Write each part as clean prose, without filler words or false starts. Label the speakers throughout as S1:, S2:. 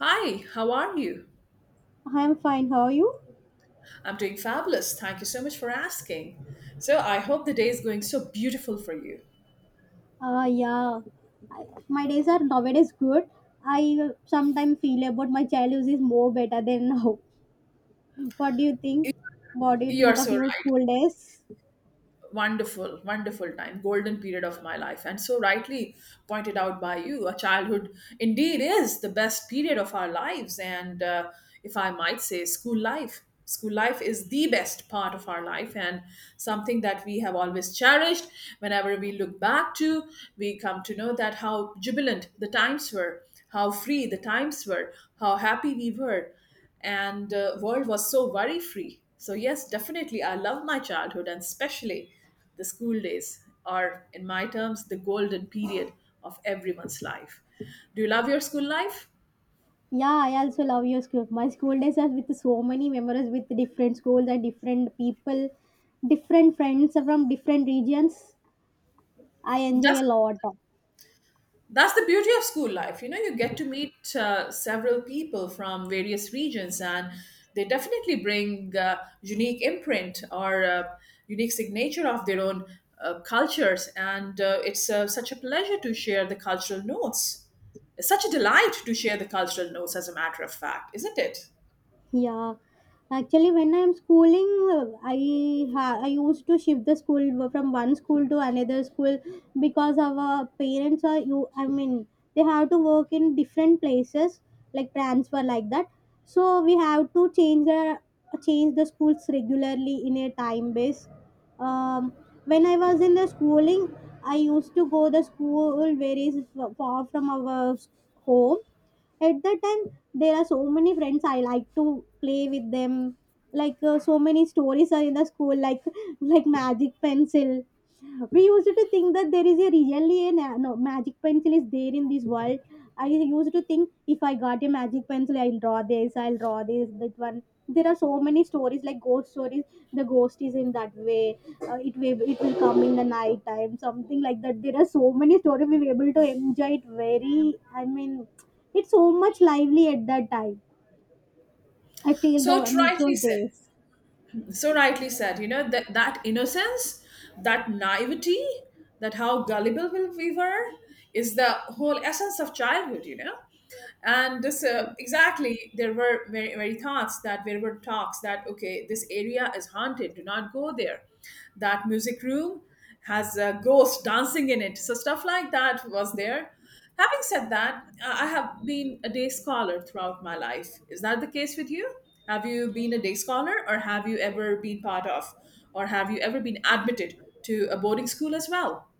S1: Hi, how are you?
S2: I'm fine. How are you?
S1: I'm doing fabulous. Thank you so much for asking. So, I hope the day is going so beautiful for you.
S2: Yeah, my days are nowadays good. I sometimes feel about my childhood is more better than now. What do you think?
S1: You
S2: What do you
S1: you are
S2: think
S1: so
S2: of your
S1: right.
S2: school days?
S1: Wonderful time, golden period of my life, and so rightly pointed out by you, a childhood indeed is the best period of our lives. And if I might say, school life is the best part of our life and something that we have always cherished. Whenever we look back to, we come to know that how jubilant the times were, how free the times were, how happy we were. And world was so worry free. So yes, definitely I love my childhood, and especially the school days are in my terms the golden period of everyone's life. Do you love your school life?
S2: Yeah, I also love your school. My school days are with so many memories with different schools and different people, different friends from different regions. I enjoy
S1: Just
S2: a lot.
S1: That's the beauty of school life. You know, you get to meet several people from various regions, and they definitely bring unique imprint or unique signature of their own cultures. And it's such a pleasure to share the cultural notes. It's such a delight to share the cultural notes, as a matter of fact, isn't it?
S2: Yeah, actually, when I'm schooling, I used to shift the school from one school to another school because our parents are you. I mean, they have to work in different places, like transfer like that. So we have to change the schools regularly in a time base. Um, when I was in the schooling, I used to go the school where is far from our home. At that time there are so many friends I like to play with them, like so many stories are in the school, like like magic pencil. We used to think that there is a really a no magic pencil is there in this world. I used to think if I got a magic pencil, I'll draw this, I'll draw this that one. There are so many stories like ghost stories. The ghost is in that way. It will come in the night time, something like that. There are so many stories we were able to enjoy it, very I mean, it's so much lively at that time. I feel
S1: So,
S2: though miss
S1: tritely
S2: those
S1: said.
S2: days.
S1: So rightly said, you know, that innocence, that naivety, that how gullible we were, is the whole essence of childhood, you know. And this, exactly, there were very thoughts, that there were talks that, okay, this area is haunted, do not go there. That music room has a ghost dancing in it, so stuff like that was there. Having said that, I have been a day scholar throughout my life. Is that the case with you? Have you been a day scholar, or have you ever been part of, or have you ever been admitted to a boarding school as well?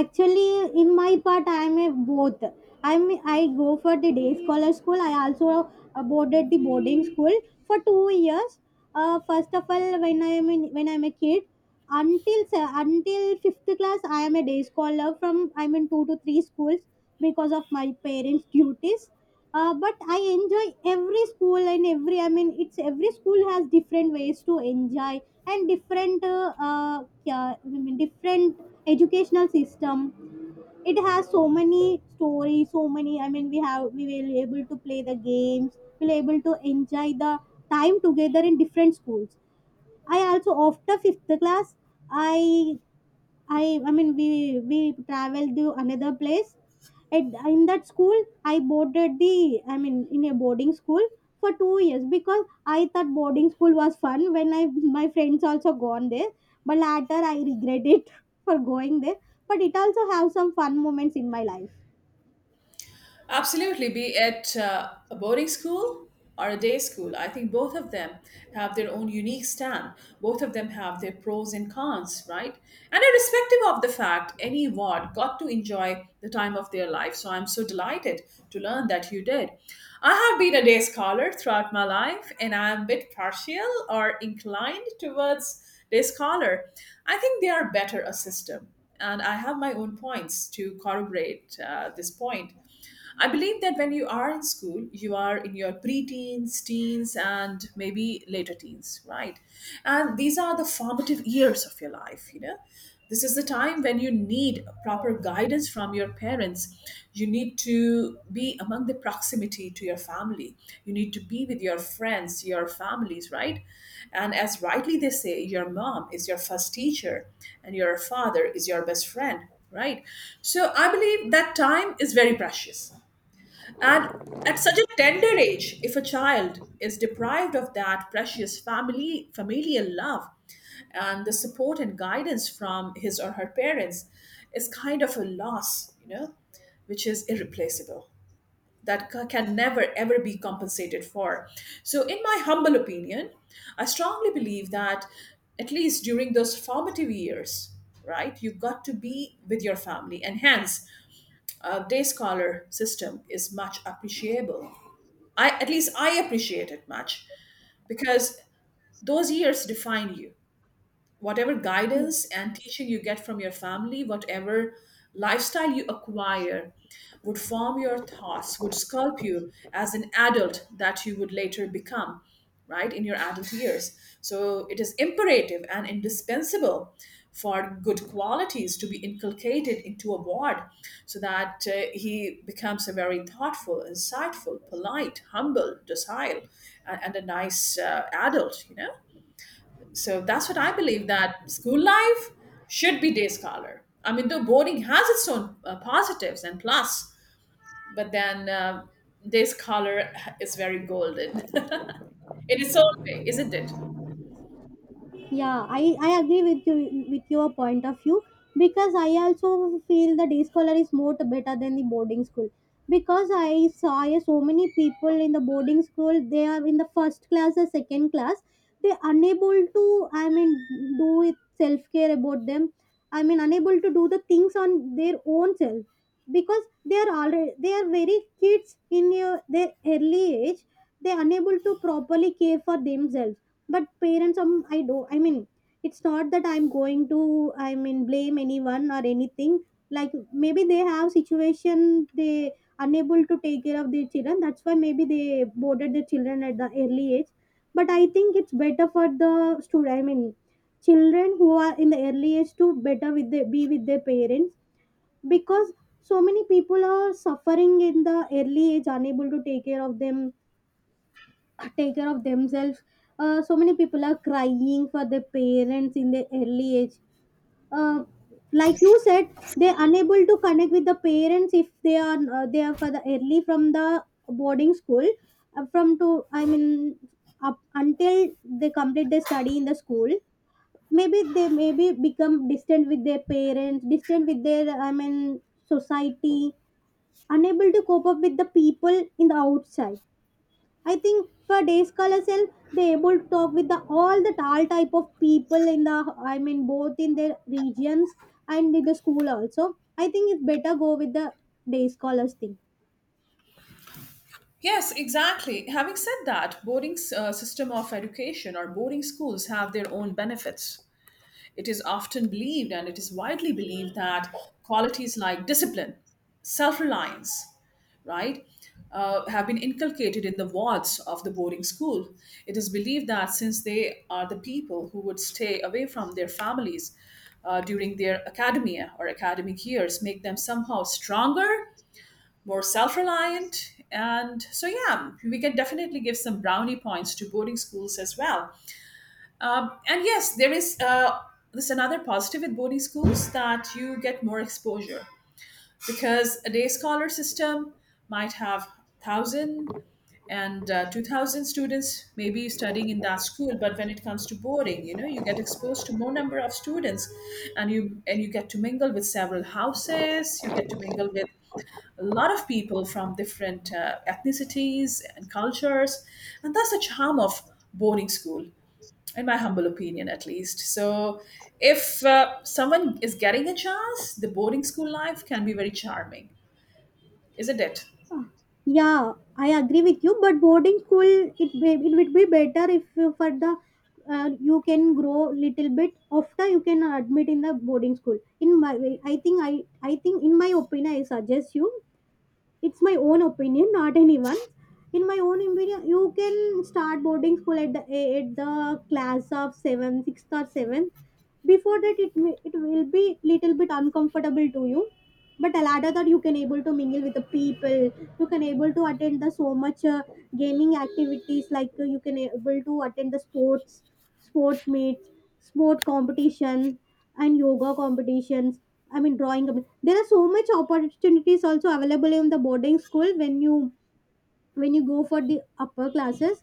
S2: Actually, in my part I am a both. i'm I go for the day scholar school. I also boarded the boarding school for 2 years. First of all when I'm a kid, until fifth class, I am a day scholar from I'm in two to three schools because of my parents duties. But I enjoy every school and every I mean it's every school has different ways to enjoy and different yeah, I mean, different educational system. It has so many stories, so many I mean, we will able to play the games, we'll able to enjoy the time together in different schools. I also after fifth class, i I mean we traveled to another place. At in that school, I boarded the I mean in a boarding school for 2 years because I thought boarding school was fun when I my friends also gone there. But later I regret it for going there. But it also have some fun moments in my life.
S1: Absolutely, be it a boarding school or a day school, I think both of them have their own unique stand. Both of them have their pros and cons, right? And irrespective of the fact, any ward got to enjoy the time of their life. So I'm so delighted to learn that you did. I have been a day scholar throughout my life, and I'm a bit partial or inclined towards day scholar. I think they are better a system. And I have my own points to corroborate this point. I believe that when you are in school, you are in your preteens, teens, and maybe later teens, right? And these are the formative years of your life, you know. This is the time when you need proper guidance from your parents. You need to be among the proximity to your family. You need to be with your friends, your families, right? And as rightly they say, your mom is your first teacher and your father is your best friend, right? So I believe that time is very precious, and at such a tender age, if a child is deprived of that precious family, familial love, and the support and guidance from his or her parents, is kind of a loss, you know, which is irreplaceable, that can never ever be compensated for. So, in my humble opinion, I strongly believe that at least during those formative years, right, you got to be with your family, and hence day scholar system is much appreciable. I at least I appreciate it much, because those years define you. Whatever guidance and teaching you get from your family, whatever lifestyle you acquire, would form your thoughts, would sculpt you as an adult that you would later become, right, in your adult years. So it is imperative and indispensable for good qualities to be inculcated into a ward, so that he becomes a very thoughtful, insightful, polite, humble, docile, and a nice adult, you know? So that's what I believe, that school life should be day scholar. I mean, though boarding has its own positives and plus, but then day scholar is very golden in its own way, isn't it?
S2: Yeah, I agree with you with your point of view because I also feel the day scholar is more better than the boarding school because I saw so many people in the boarding school, they are in the first class or second class, they unable to I mean do it self care about them, I mean unable to do the things on their own self because they are already they are very kids in their early age, they are unable to properly care for themselves. But parents I do I mean, it's not that I'm going to I mean blame anyone or anything, like maybe they have situation, they unable to take care of their children, that's why maybe they boarded their children at the early age. But I think it's better for the student, I mean children who are in the early age to better be with their parents because so many people are suffering in the early age unable to take care of them take care of themselves. So many people are crying for their parents in their early age. Uh, like you said, they're unable to connect with the parents if they are they are for the early from the boarding school from to I mean up until they complete their study in the school. Maybe they maybe become distant with their parents, distant with their I mean society, unable to cope up with the people in the outside. I think for day scholar self, they able to talk with the all type of people in the I mean both in their regions and in the school also. I think it's better go with the day scholars thing.
S1: Yes, exactly. Having said that, boarding system of education or boarding schools have their own benefits. It is often believed, and it is widely believed, that qualities like discipline, self reliance, right, have been inculcated in the wards of the boarding school. It is believed that since they are the people who would stay away from their families during their academia or academic years, make them somehow stronger, more self reliant. And so, yeah, we can definitely give some brownie points to boarding schools as well. And yes, there is there's another positive with boarding schools, that you get more exposure, because a day scholar system might have thousand and 2,000 students maybe studying in that school, but when it comes to boarding, you know, you get exposed to more number of students, and you get to mingle with several houses. You get to mingle with a lot of people from different ethnicities and cultures, and that's the charm of boarding school, in my humble opinion at least. So, if someone is getting a chance, the boarding school life can be very charming, isn't it?
S2: Yeah, I agree with you. But boarding school, it would be better if you for the you can grow little bit after you can admit in the boarding school. In my way, I think I think in my opinion, I suggest you it's my own opinion not anyone's in my own opinion you can start boarding school at the class of 7 sixth or 7th. Before that it will be little bit uncomfortable to you but later that you can able to mingle with the people. You can able to attend the so much gaming activities like you can able to attend the sports meets, sport competition and yoga competitions, I mean, drawing. a. There are so much opportunities also available in the boarding school when you go for the upper classes.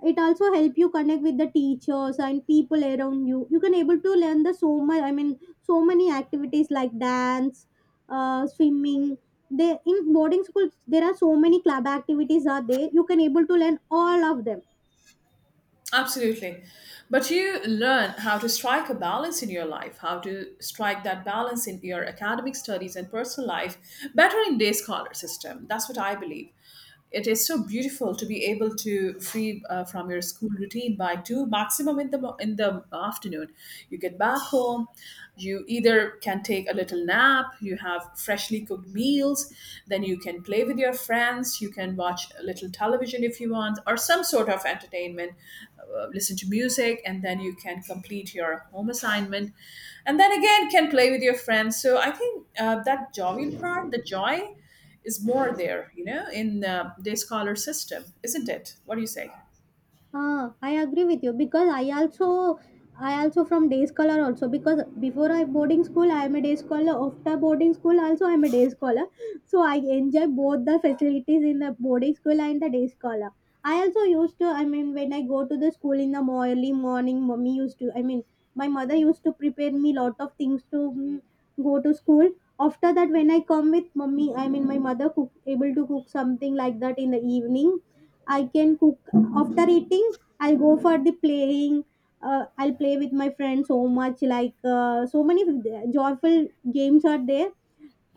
S2: It also help you connect with the teachers and people around you. You can able to learn the so much. I mean, so many activities like dance, swimming. They in boarding schools there are so many club activities are there. You can able to learn all of them.
S1: Absolutely. But you learn how to strike a balance in your life, how to strike that balance in your academic studies and personal life better in day scholar system. That's what I believe. It is so beautiful to be able to free from your school routine by two maximum in the in the afternoon. You get back home, you either can take a little nap, you have freshly cooked meals, then you can play with your friends, you can watch a little television if you want, or some sort of entertainment, listen to music, and then you can complete your home assignment, and then again can play with your friends. So I think, that jovial part, the joy, is more there, you know, in day scholar system, isn't it? What do you say?
S2: Ah, I agree with you because I also from day scholar also because before I boarding school I am a day scholar, after boarding school also I am a day scholar, so I enjoy both the facilities in the boarding school and the day scholar. I also used to I mean when I go to the school in the early morning mommy used to I mean my mother used to prepare me lot of things to go to school. After that when I come with mommy I mean my mother cook able to cook something like that in the evening I can cook after eating I'll go for the playing I'll play with my friends so much like so many joyful games are there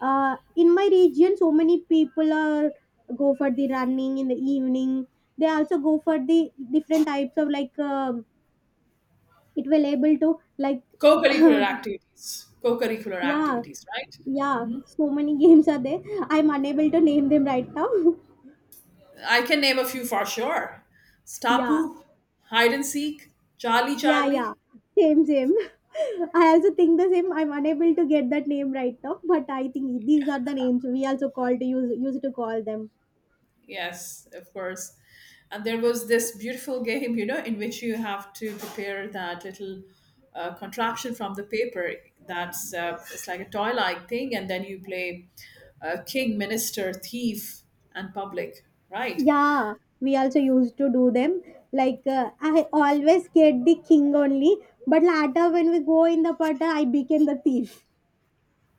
S2: in my region so many people are go for the running in the evening. They also go for the different types of like it will able to like
S1: co-curricular activities co-curricular
S2: yeah,
S1: activities right?
S2: yeah, so many games are there. I'm unable to name them right now
S1: I can name a few for sure.
S2: yeah.
S1: Stapu, Hide and Seek, Charlie
S2: Yeah,
S1: Charlie.
S2: yeah. Same, same. I also think the same. I'm unable to get that name right now, but I think these are the names we also call to use to call them.
S1: Yes, of course. And there was this beautiful game, you know, in which you have to prepare that little contraption from the paper. That's it's like a toy-like thing, and then you play king, minister, thief, and public, right?
S2: Yeah, we also used to do them. Like I always get the king only, but later when we go in the pata, I became the thief.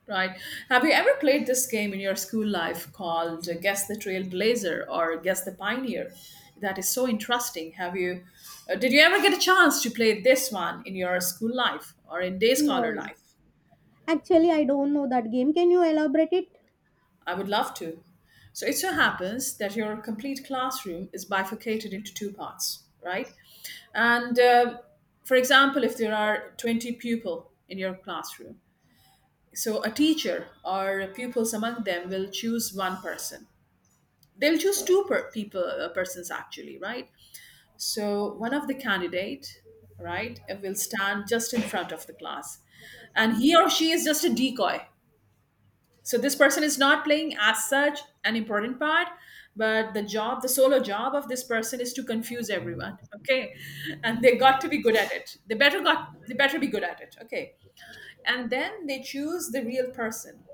S1: Right. Have you ever played this game in your school life called Guess the Trailblazer or Guess the Pioneer? That is so interesting. Have you? Did you ever get a chance to play this one in your school life or in day
S2: No,
S1: scholar
S2: no.
S1: life?
S2: Actually, I don't know that game. Can you elaborate it?
S1: I would love to. So it so happens that your complete classroom is bifurcated into two parts, right? And for example, if there are 20 people in your classroom, so a teacher or pupils among them will choose one person. They'll choose people, persons actually, right? So one of the candidate, right, will stand just in front of the class, and he or she is just a decoy. So this person is not playing as such an important part, but the job, the solo job of this person, is to confuse everyone, okay? And they got to be good at it, they better be good at it, okay? And then they choose the real person,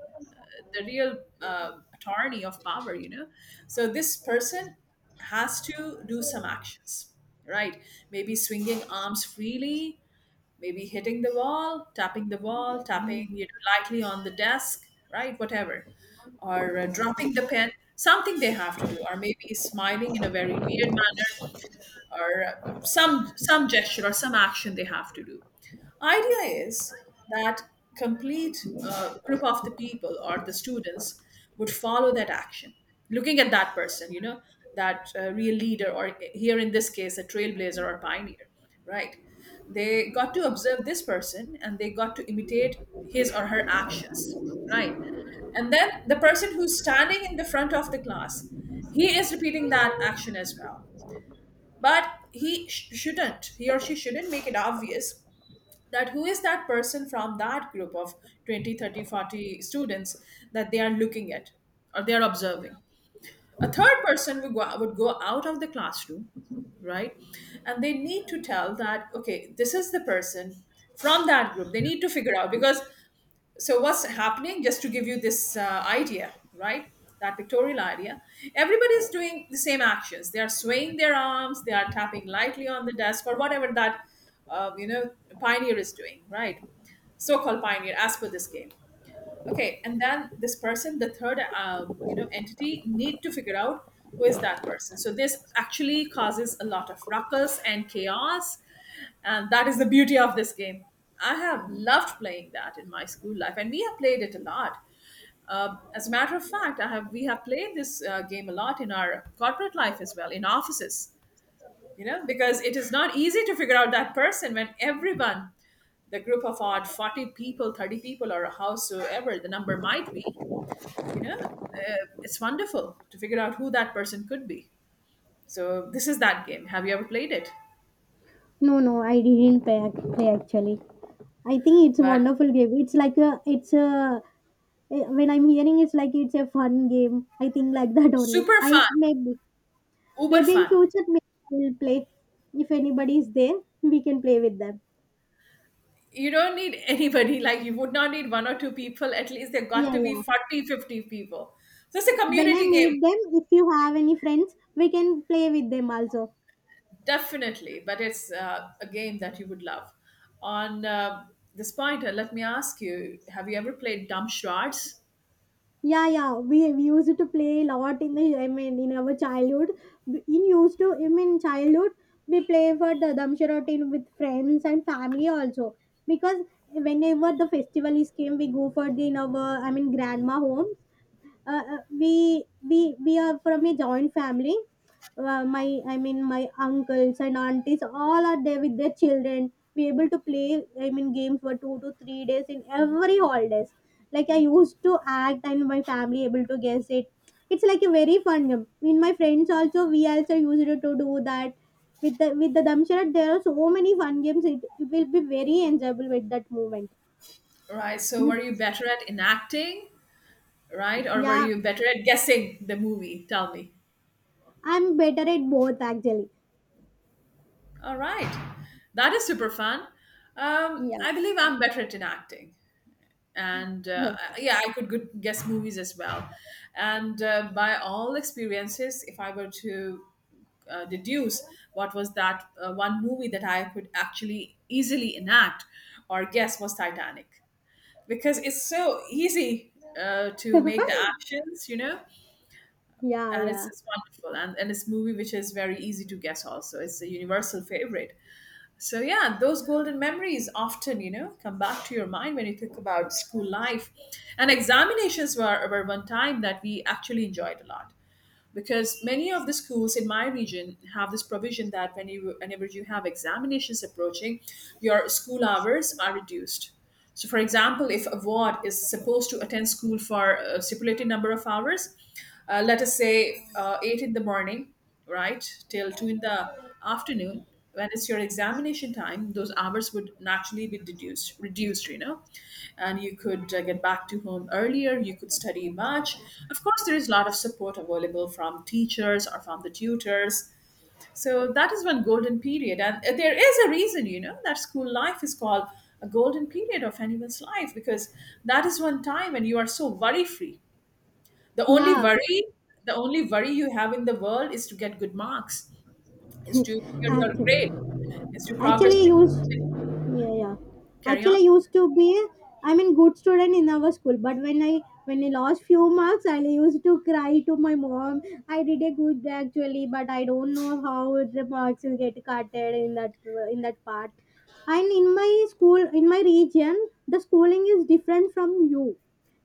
S1: the real, tyranny of power, you know. So this person has to do some actions, right? Maybe swinging arms freely, maybe hitting the wall, tapping the wall, tapping, you know, lightly on the desk, right, whatever. Or dropping the pen, something they have to do, or maybe smiling in a very weird manner, or some gesture or some action they have to do. Idea is that complete group of the people or the students would follow that action, looking at that person, you know, that real leader, or here in this case, a trailblazer or pioneer, right? They got to observe this person, and they got to imitate his or her actions, right? And then the person who's standing in the front of the class, he is repeating that action as well, but shouldn't, he or she shouldn't make it obvious that who is that person from that group of 20, 30, 40 students that they are looking at or they are observing. A third person would would go out of the classroom, right, and they need to tell that, okay, this is the person from that group they need to figure out, because, so what's happening, just to give you this idea, right, that pictorial idea, everybody's doing the same actions, they are swaying their arms, they are tapping lightly on the desk, or whatever that you know, pioneer is doing, right? So-called pioneer, as per this game. Okay, and then This person, the third entity, need to figure out who is that person. So this actually causes a lot of ruckus and chaos, and that is the beauty of this game. I have loved playing that in my school life and we have played it a lot. As a matter of fact, I have we have played this game a lot in our corporate life as well, in offices, you know, because it is not easy to figure out that person when everyone, the group of odd 40 people, 30 people, or howsoever the number might be, you know, it's wonderful to figure out who that person could be. So this is that game. Have you ever played it?
S2: No, no, I didn't play actually. I think it's a
S1: But
S2: wonderful game. It's like a, it's a. When I'm hearing it's like it's a fun game. I think like that only.
S1: super fun,
S2: I maybe
S1: uber
S2: in
S1: fun.
S2: future maybe we'll play if anybody is there, we can play with them.
S1: You don't need anybody, like you would not need one or two people, at least there got
S2: Yeah,
S1: to be
S2: yeah.
S1: 40, 50 people. So it's a
S2: When I
S1: community game.
S2: meet them, if you have any friends, we can play with them also.
S1: Definitely, but it's a game that you would love. On this point, let me ask you, have you ever played dumb charades?
S2: Yeah, yeah. We used to play a lot in the I mean in our childhood. In used to I mean childhood, we play for the Damshara routine with friends and family also because whenever the festival is came, we go for the in our I mean grandma home uh, uh, we we we are from a joint family. My I mean my uncles and aunties all are there with their children be able to play I mean games for 2 to 3 days in every holidays like I used to act and my family able to guess it. It's like a very fun game in my friends also we also used to do that with the damshara there are so many fun games it will be very enjoyable with that moment.
S1: Right, so
S2: You.
S1: were you better at enacting, right? Or were
S2: Yeah,
S1: you better at guessing the movie? Tell me.
S2: I'm better at both actually.
S1: All right. That is super fun.
S2: Yeah,
S1: I believe I'm better at enacting. And yeah, I could good guess movies as well. And by all experiences, if I were to deduce what was that one movie that I could actually easily enact or guess, was Titanic. Because it's so easy to
S2: yeah,
S1: make the actions, you know, and it's,
S2: yeah,
S1: it's wonderful, and it's movie which is very easy to guess, also it's a universal favorite. So yeah, those golden memories often, you know, come back to your mind when you think about school life. And examinations were one time that we actually enjoyed a lot, because many of the schools in my region have this provision that when you, whenever you have examinations approaching, your school hours are reduced. So, for example, if a ward is supposed to attend school for a stipulated number of hours, let us say 8 in the morning, right till 2 in the afternoon, when it's your examination time, those hours would naturally be deduced, reduced, you know, and you could get back to home earlier, you could study much. Of course, there is a lot of support available from teachers or from the tutors. So that is one golden period, and there is a reason, you know, that school life is called a golden period of anyone's life, because that is one time when you are so worry free. the only
S2: yeah.
S1: worry the only worry you have in the world is to get good marks, is to clear your grade,
S2: Actually,
S1: is to progress
S2: actually
S1: to,
S2: used. Yeah, yeah.
S1: carry on.
S2: Actually, I used to be. I mean, good student in our school. But when I lost few marks, I used to cry to my mom. I did a good actually, but I don't know how the marks will get cutted in that part. And in my school, in my region, the schooling is different from you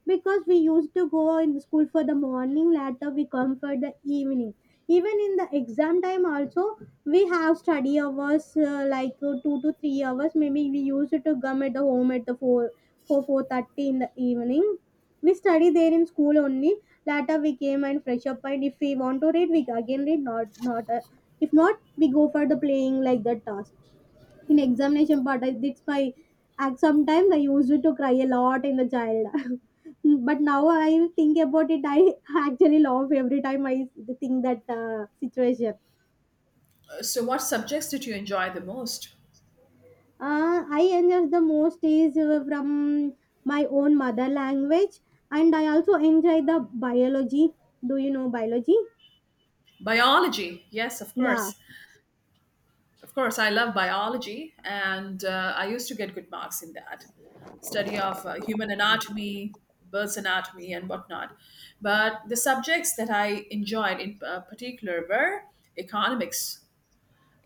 S2: Because we used to go in school for the morning, later we come for the evening, even in the exam time also we have study hours like 2 to 3 hours. Maybe we used to come at the home at the four thirty in the evening. We study there in school only, later we came and fresh up, and if we want to read we again read, not not if not we go for the playing, like that task in examination. But it's my act, sometimes I used to cry a lot in the child. But now I think about it, I actually laugh every time I think that situation.
S1: So, what subjects did you enjoy the most?
S2: I enjoy the most is from my own mother language, and I also enjoy the biology. Do you know biology?
S1: Biology, yes, of
S2: Yeah.
S1: course. Of course, I love biology, and I used to get good marks in that, study of human anatomy, bird's anatomy, and whatnot. But the subjects that I enjoyed in particular were economics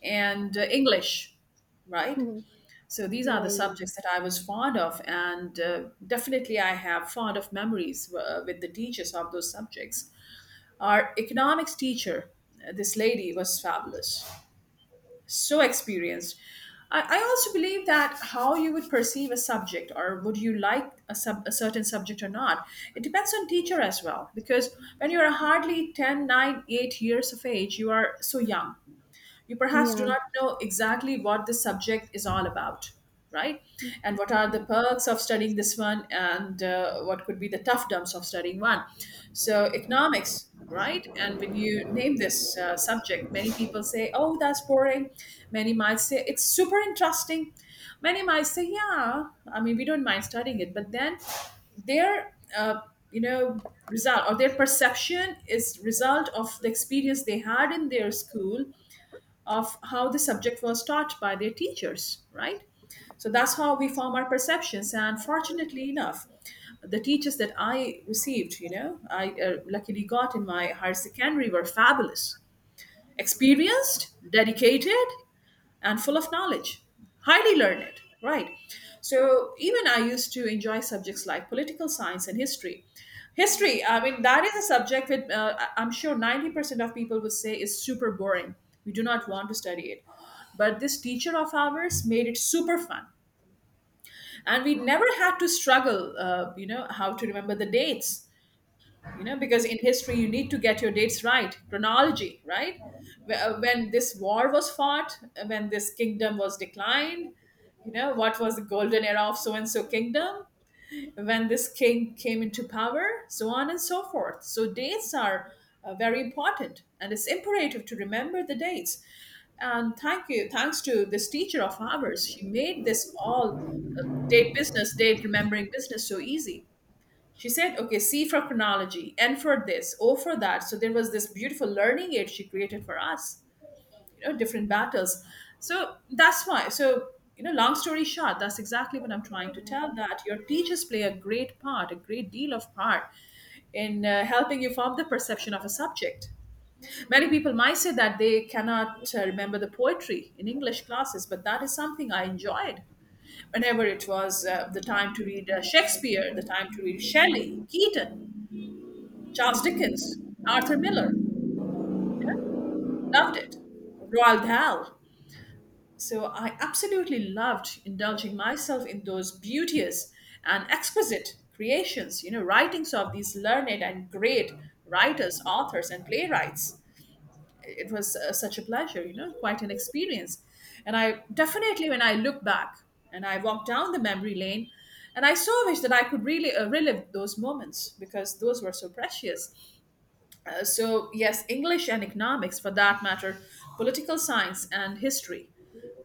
S1: and English, right? So these are the
S2: Yeah, yeah,
S1: subjects that I was fond of, and definitely I have fond of memories with the teachers of those subjects. Our economics teacher, this lady, was fabulous, so experienced. I also believe that how you would perceive a subject, or would you like a, sub, a certain subject or not, it depends on teacher as well. Because when you are hardly ten, nine, 8 years of age, you are so young, you perhaps do
S2: yeah.
S1: not know exactly what the subject is all about, right, and what are the perks of studying this one, and what could be the tough dumps of studying one. So economics, right, and when you name this subject, many people say, oh, that's boring. Many might say it's super interesting. Many might say, yeah, I mean, we don't mind studying it, but then their you know result, or their perception, is result of the experience they had in their school, of how the subject was taught by their teachers, right? So that's how we form our perceptions. And fortunately enough, the teachers that I received, you know, I luckily got in my higher secondary, were fabulous, experienced, dedicated, and full of knowledge, highly learned, right? So even I used to enjoy subjects like political science and history. History, I mean, that is a subject that I'm sure 90% of people would say is super boring. We do not want to study it. But this teacher of ours made it super fun. And we never had to struggle, you know, how to remember the dates, you know, because in history you need to get your dates right, chronology right. When this war was fought, when this kingdom was declined, you know, what was the golden era of so and so kingdom, when this king came into power, so on and so forth. So dates are very important, and it's imperative to remember the dates. And thank you, thanks to this teacher of ours, she made this all date business, date remembering business, so easy. She said, okay, C for chronology, N for this, O for that. So there was this beautiful learning aid she created for us, you know, different battles. So that's why. So, you know, long story short, that's exactly what I'm trying to tell, that your teachers play a great part, a great deal of part in helping you form the perception of a subject. Many people might say that they cannot remember the poetry in English classes, but that is something I enjoyed. Whenever it was the time to read Shakespeare, the time to read Shelley, Keaton, Charles Dickens, Arthur Miller, loved it. Roald Dahl. So I absolutely loved indulging myself in those beauteous and exquisite creations, you know, writings of these learned and great writers, authors, and playwrights. It was such a pleasure, you know, quite an experience. And I definitely, when I look back and I walk down the memory lane, and I so wish that I could really relive those moments, because those were so precious. So yes, English and economics, for that matter, political science and history,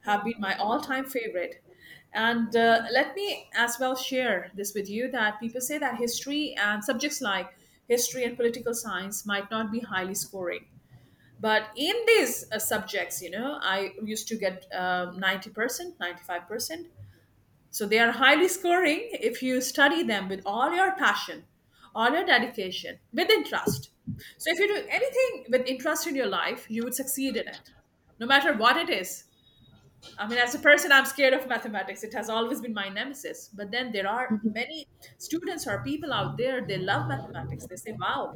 S1: have been my all-time favorite. And let me as well share this with you, that people say that history and subjects like history and political science might not be highly scoring, but in these subjects, you know, I used to get 90% 95%. So they are highly scoring if you study them with all your passion, all your dedication, with interest. So if you do anything with interest in your life, you would succeed in it, no matter what it is. I mean, as a person, I'm scared of mathematics. It has always been my nemesis. But then there are many students or people out there, they love mathematics. They say, wow,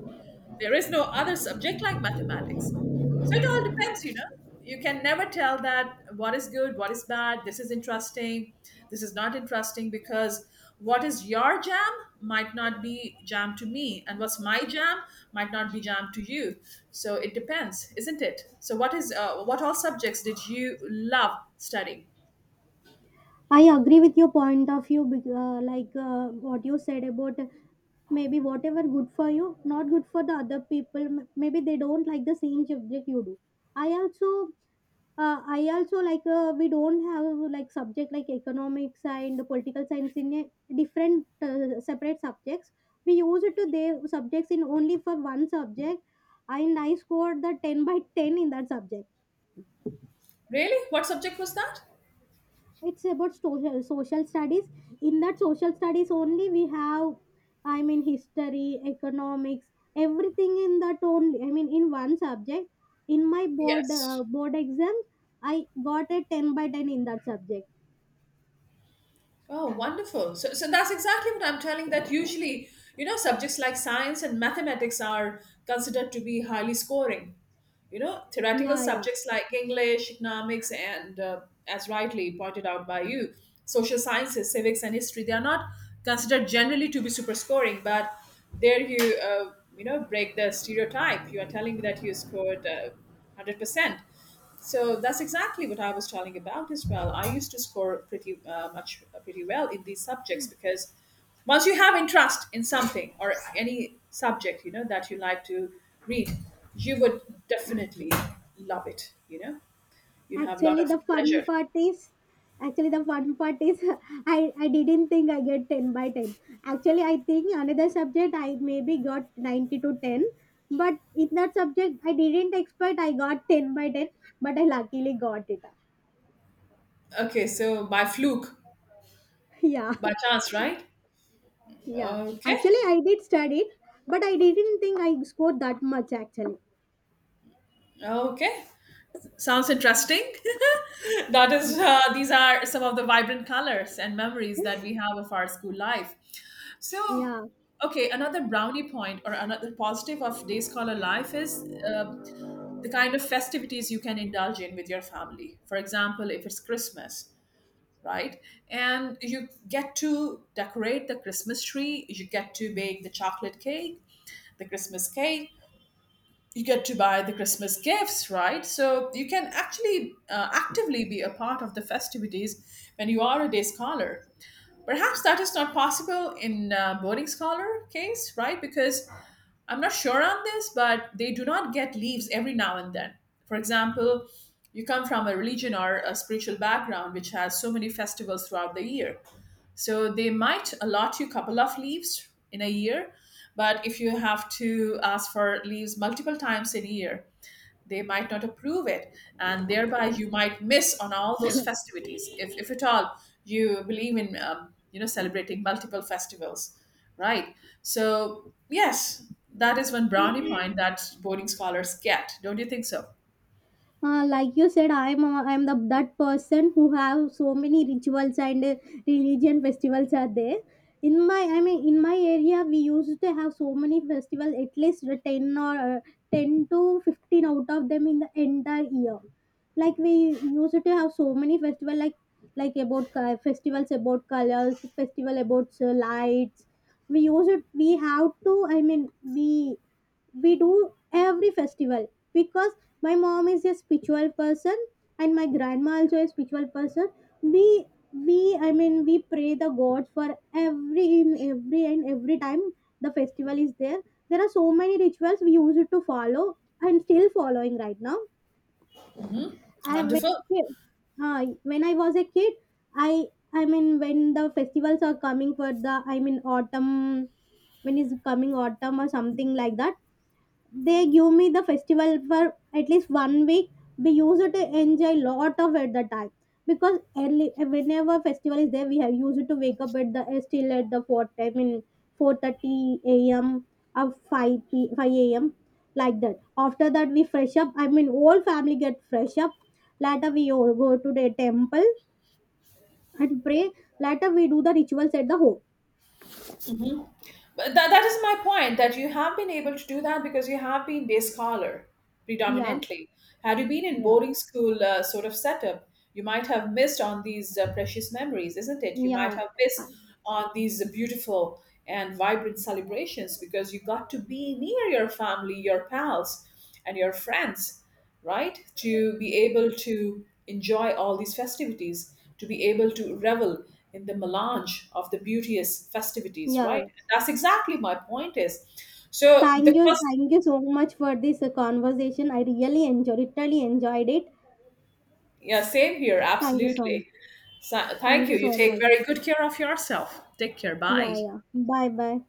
S1: there is no other subject like mathematics. So it all depends, you know. You can never tell that what is good, what is bad, this is interesting, this is not interesting, because what is your jam might not be jam to me, and what's my jam might not be jam to you. So it depends, isn't it? So what is what all subjects did you love studying?
S2: I agree with your point of view, like what you said about maybe whatever good for you, not good for the other people. Maybe they don't like the same subject you do. I also, I also like, we don't have like subject like economics and political science in a different separate subjects. We use it to their subjects in only for one subject, and I scored the ten by ten in that subject.
S1: Really? What subject was that?
S2: It's about social studies. In that social studies only we have, I mean, history, economics, everything in that only, I mean, in one subject. In my
S1: Yes.
S2: board exam I got a 10 by 10 in that subject.
S1: Oh, wonderful. So, so that's exactly what I'm telling, that usually, you know, subjects like science and mathematics are considered to be highly scoring. You know, theoretical
S2: Yeah, yeah.
S1: subjects like English, economics, and as rightly pointed out by you, social sciences, civics, and history, they are not considered generally to be super scoring, but there you, you know, break the stereotype. You are telling me that you scored 100%. So that's exactly what I was telling about as well. I used to score pretty pretty well in these subjects, because once you have interest in something or any subject, you know that you like to read, you would definitely love it. You know, you'd have a lot
S2: Actually,
S1: of
S2: the fun
S1: pleasure.
S2: part is Actually, the fun part is, I didn't think I get ten by ten. Actually, I think another subject I maybe got 90 to ten, but in that subject I didn't expect, I got ten by ten, but I luckily got it.
S1: Okay, so by fluke,
S2: Yeah,
S1: by chance, right?
S2: yeah.
S1: Okay,
S2: Actually, I did study, but I didn't think I scored that much. Actually,
S1: okay, sounds interesting. That is, these are some of the vibrant colors and memories that we have of our school life. So,
S2: yeah.
S1: okay, another brownie point or another positive of day scholar life is the kind of festivities you can indulge in with your family. For example, if it's Christmas, right? And you get to decorate the Christmas tree, you get to bake the chocolate cake, the Christmas cake. You get to buy the Christmas gifts, right? So you can actually actively be a part of the festivities when you are a day scholar. Perhaps that is not possible in boarding scholar case, right? Because I'm not sure on this, but they do not get leaves every now and then. For example, you come from a religion or a spiritual background which has so many festivals throughout the year. So they might allot you a couple of leaves in a year, but if you have to ask for leaves multiple times in a year, they might not approve it, and thereby you might miss on all those festivities, if at all you believe in you know, celebrating multiple festivals, right? So yes, that is one brownie point that boarding scholars get, don't you think so?
S2: Like you said, I am the that person who have so many rituals and religion festivals are there. In my I mean, in my area we used to have so many festivals, at least 10, or 10 to 15 out of them in the entire year. Like we used to have so many festivals, like about festivals about colors, festival about lights. we used we have to, I mean, we we do every festival because my mom is a spiritual person, and my grandma also a spiritual person. we we, I mean, we pray the god for every, in every and every time the festival is there. There are so many rituals we used to follow and still following right now.
S1: Hmm,
S2: I when I
S1: wonderful.
S2: kid- When I was a kid, i I mean, when the festivals are coming for the, I mean, autumn, when is coming autumn or something like that, they give me the festival for at least one week. We used to enjoy lot of at the time, because early whenever festival is there, we have used to wake up at the still at the four time in 4:30 a.m. or five a.m., like that. After that, we fresh up. I mean, whole family get fresh up. Later, we all go to the temple and pray. Later, we do the rituals at the home.
S1: But that is my point, that you have been able to do that because you have been day scholar
S2: Yeah,
S1: predominantly. Had you been in
S2: yeah,
S1: boarding school sort of setup, you might have missed on these precious memories, isn't it? You might
S2: yeah,
S1: have missed on these beautiful and vibrant celebrations, because you got to be near your family, your pals, and your friends, right? To be able to enjoy all these festivities, to be able to revel in the melange of the beauteous festivities,
S2: yeah,
S1: right?
S2: yeah.
S1: That's exactly my point is. So the first,
S2: Thank you so much for this conversation. I really really enjoyed it.
S1: yeah, same here,
S2: Thank you so
S1: absolutely.
S2: much.
S1: So, thank
S2: Thank
S1: you.
S2: you
S1: You
S2: so
S1: take
S2: much.
S1: very good care of yourself. Take care. Bye.
S2: Yeah, yeah. Bye, bye.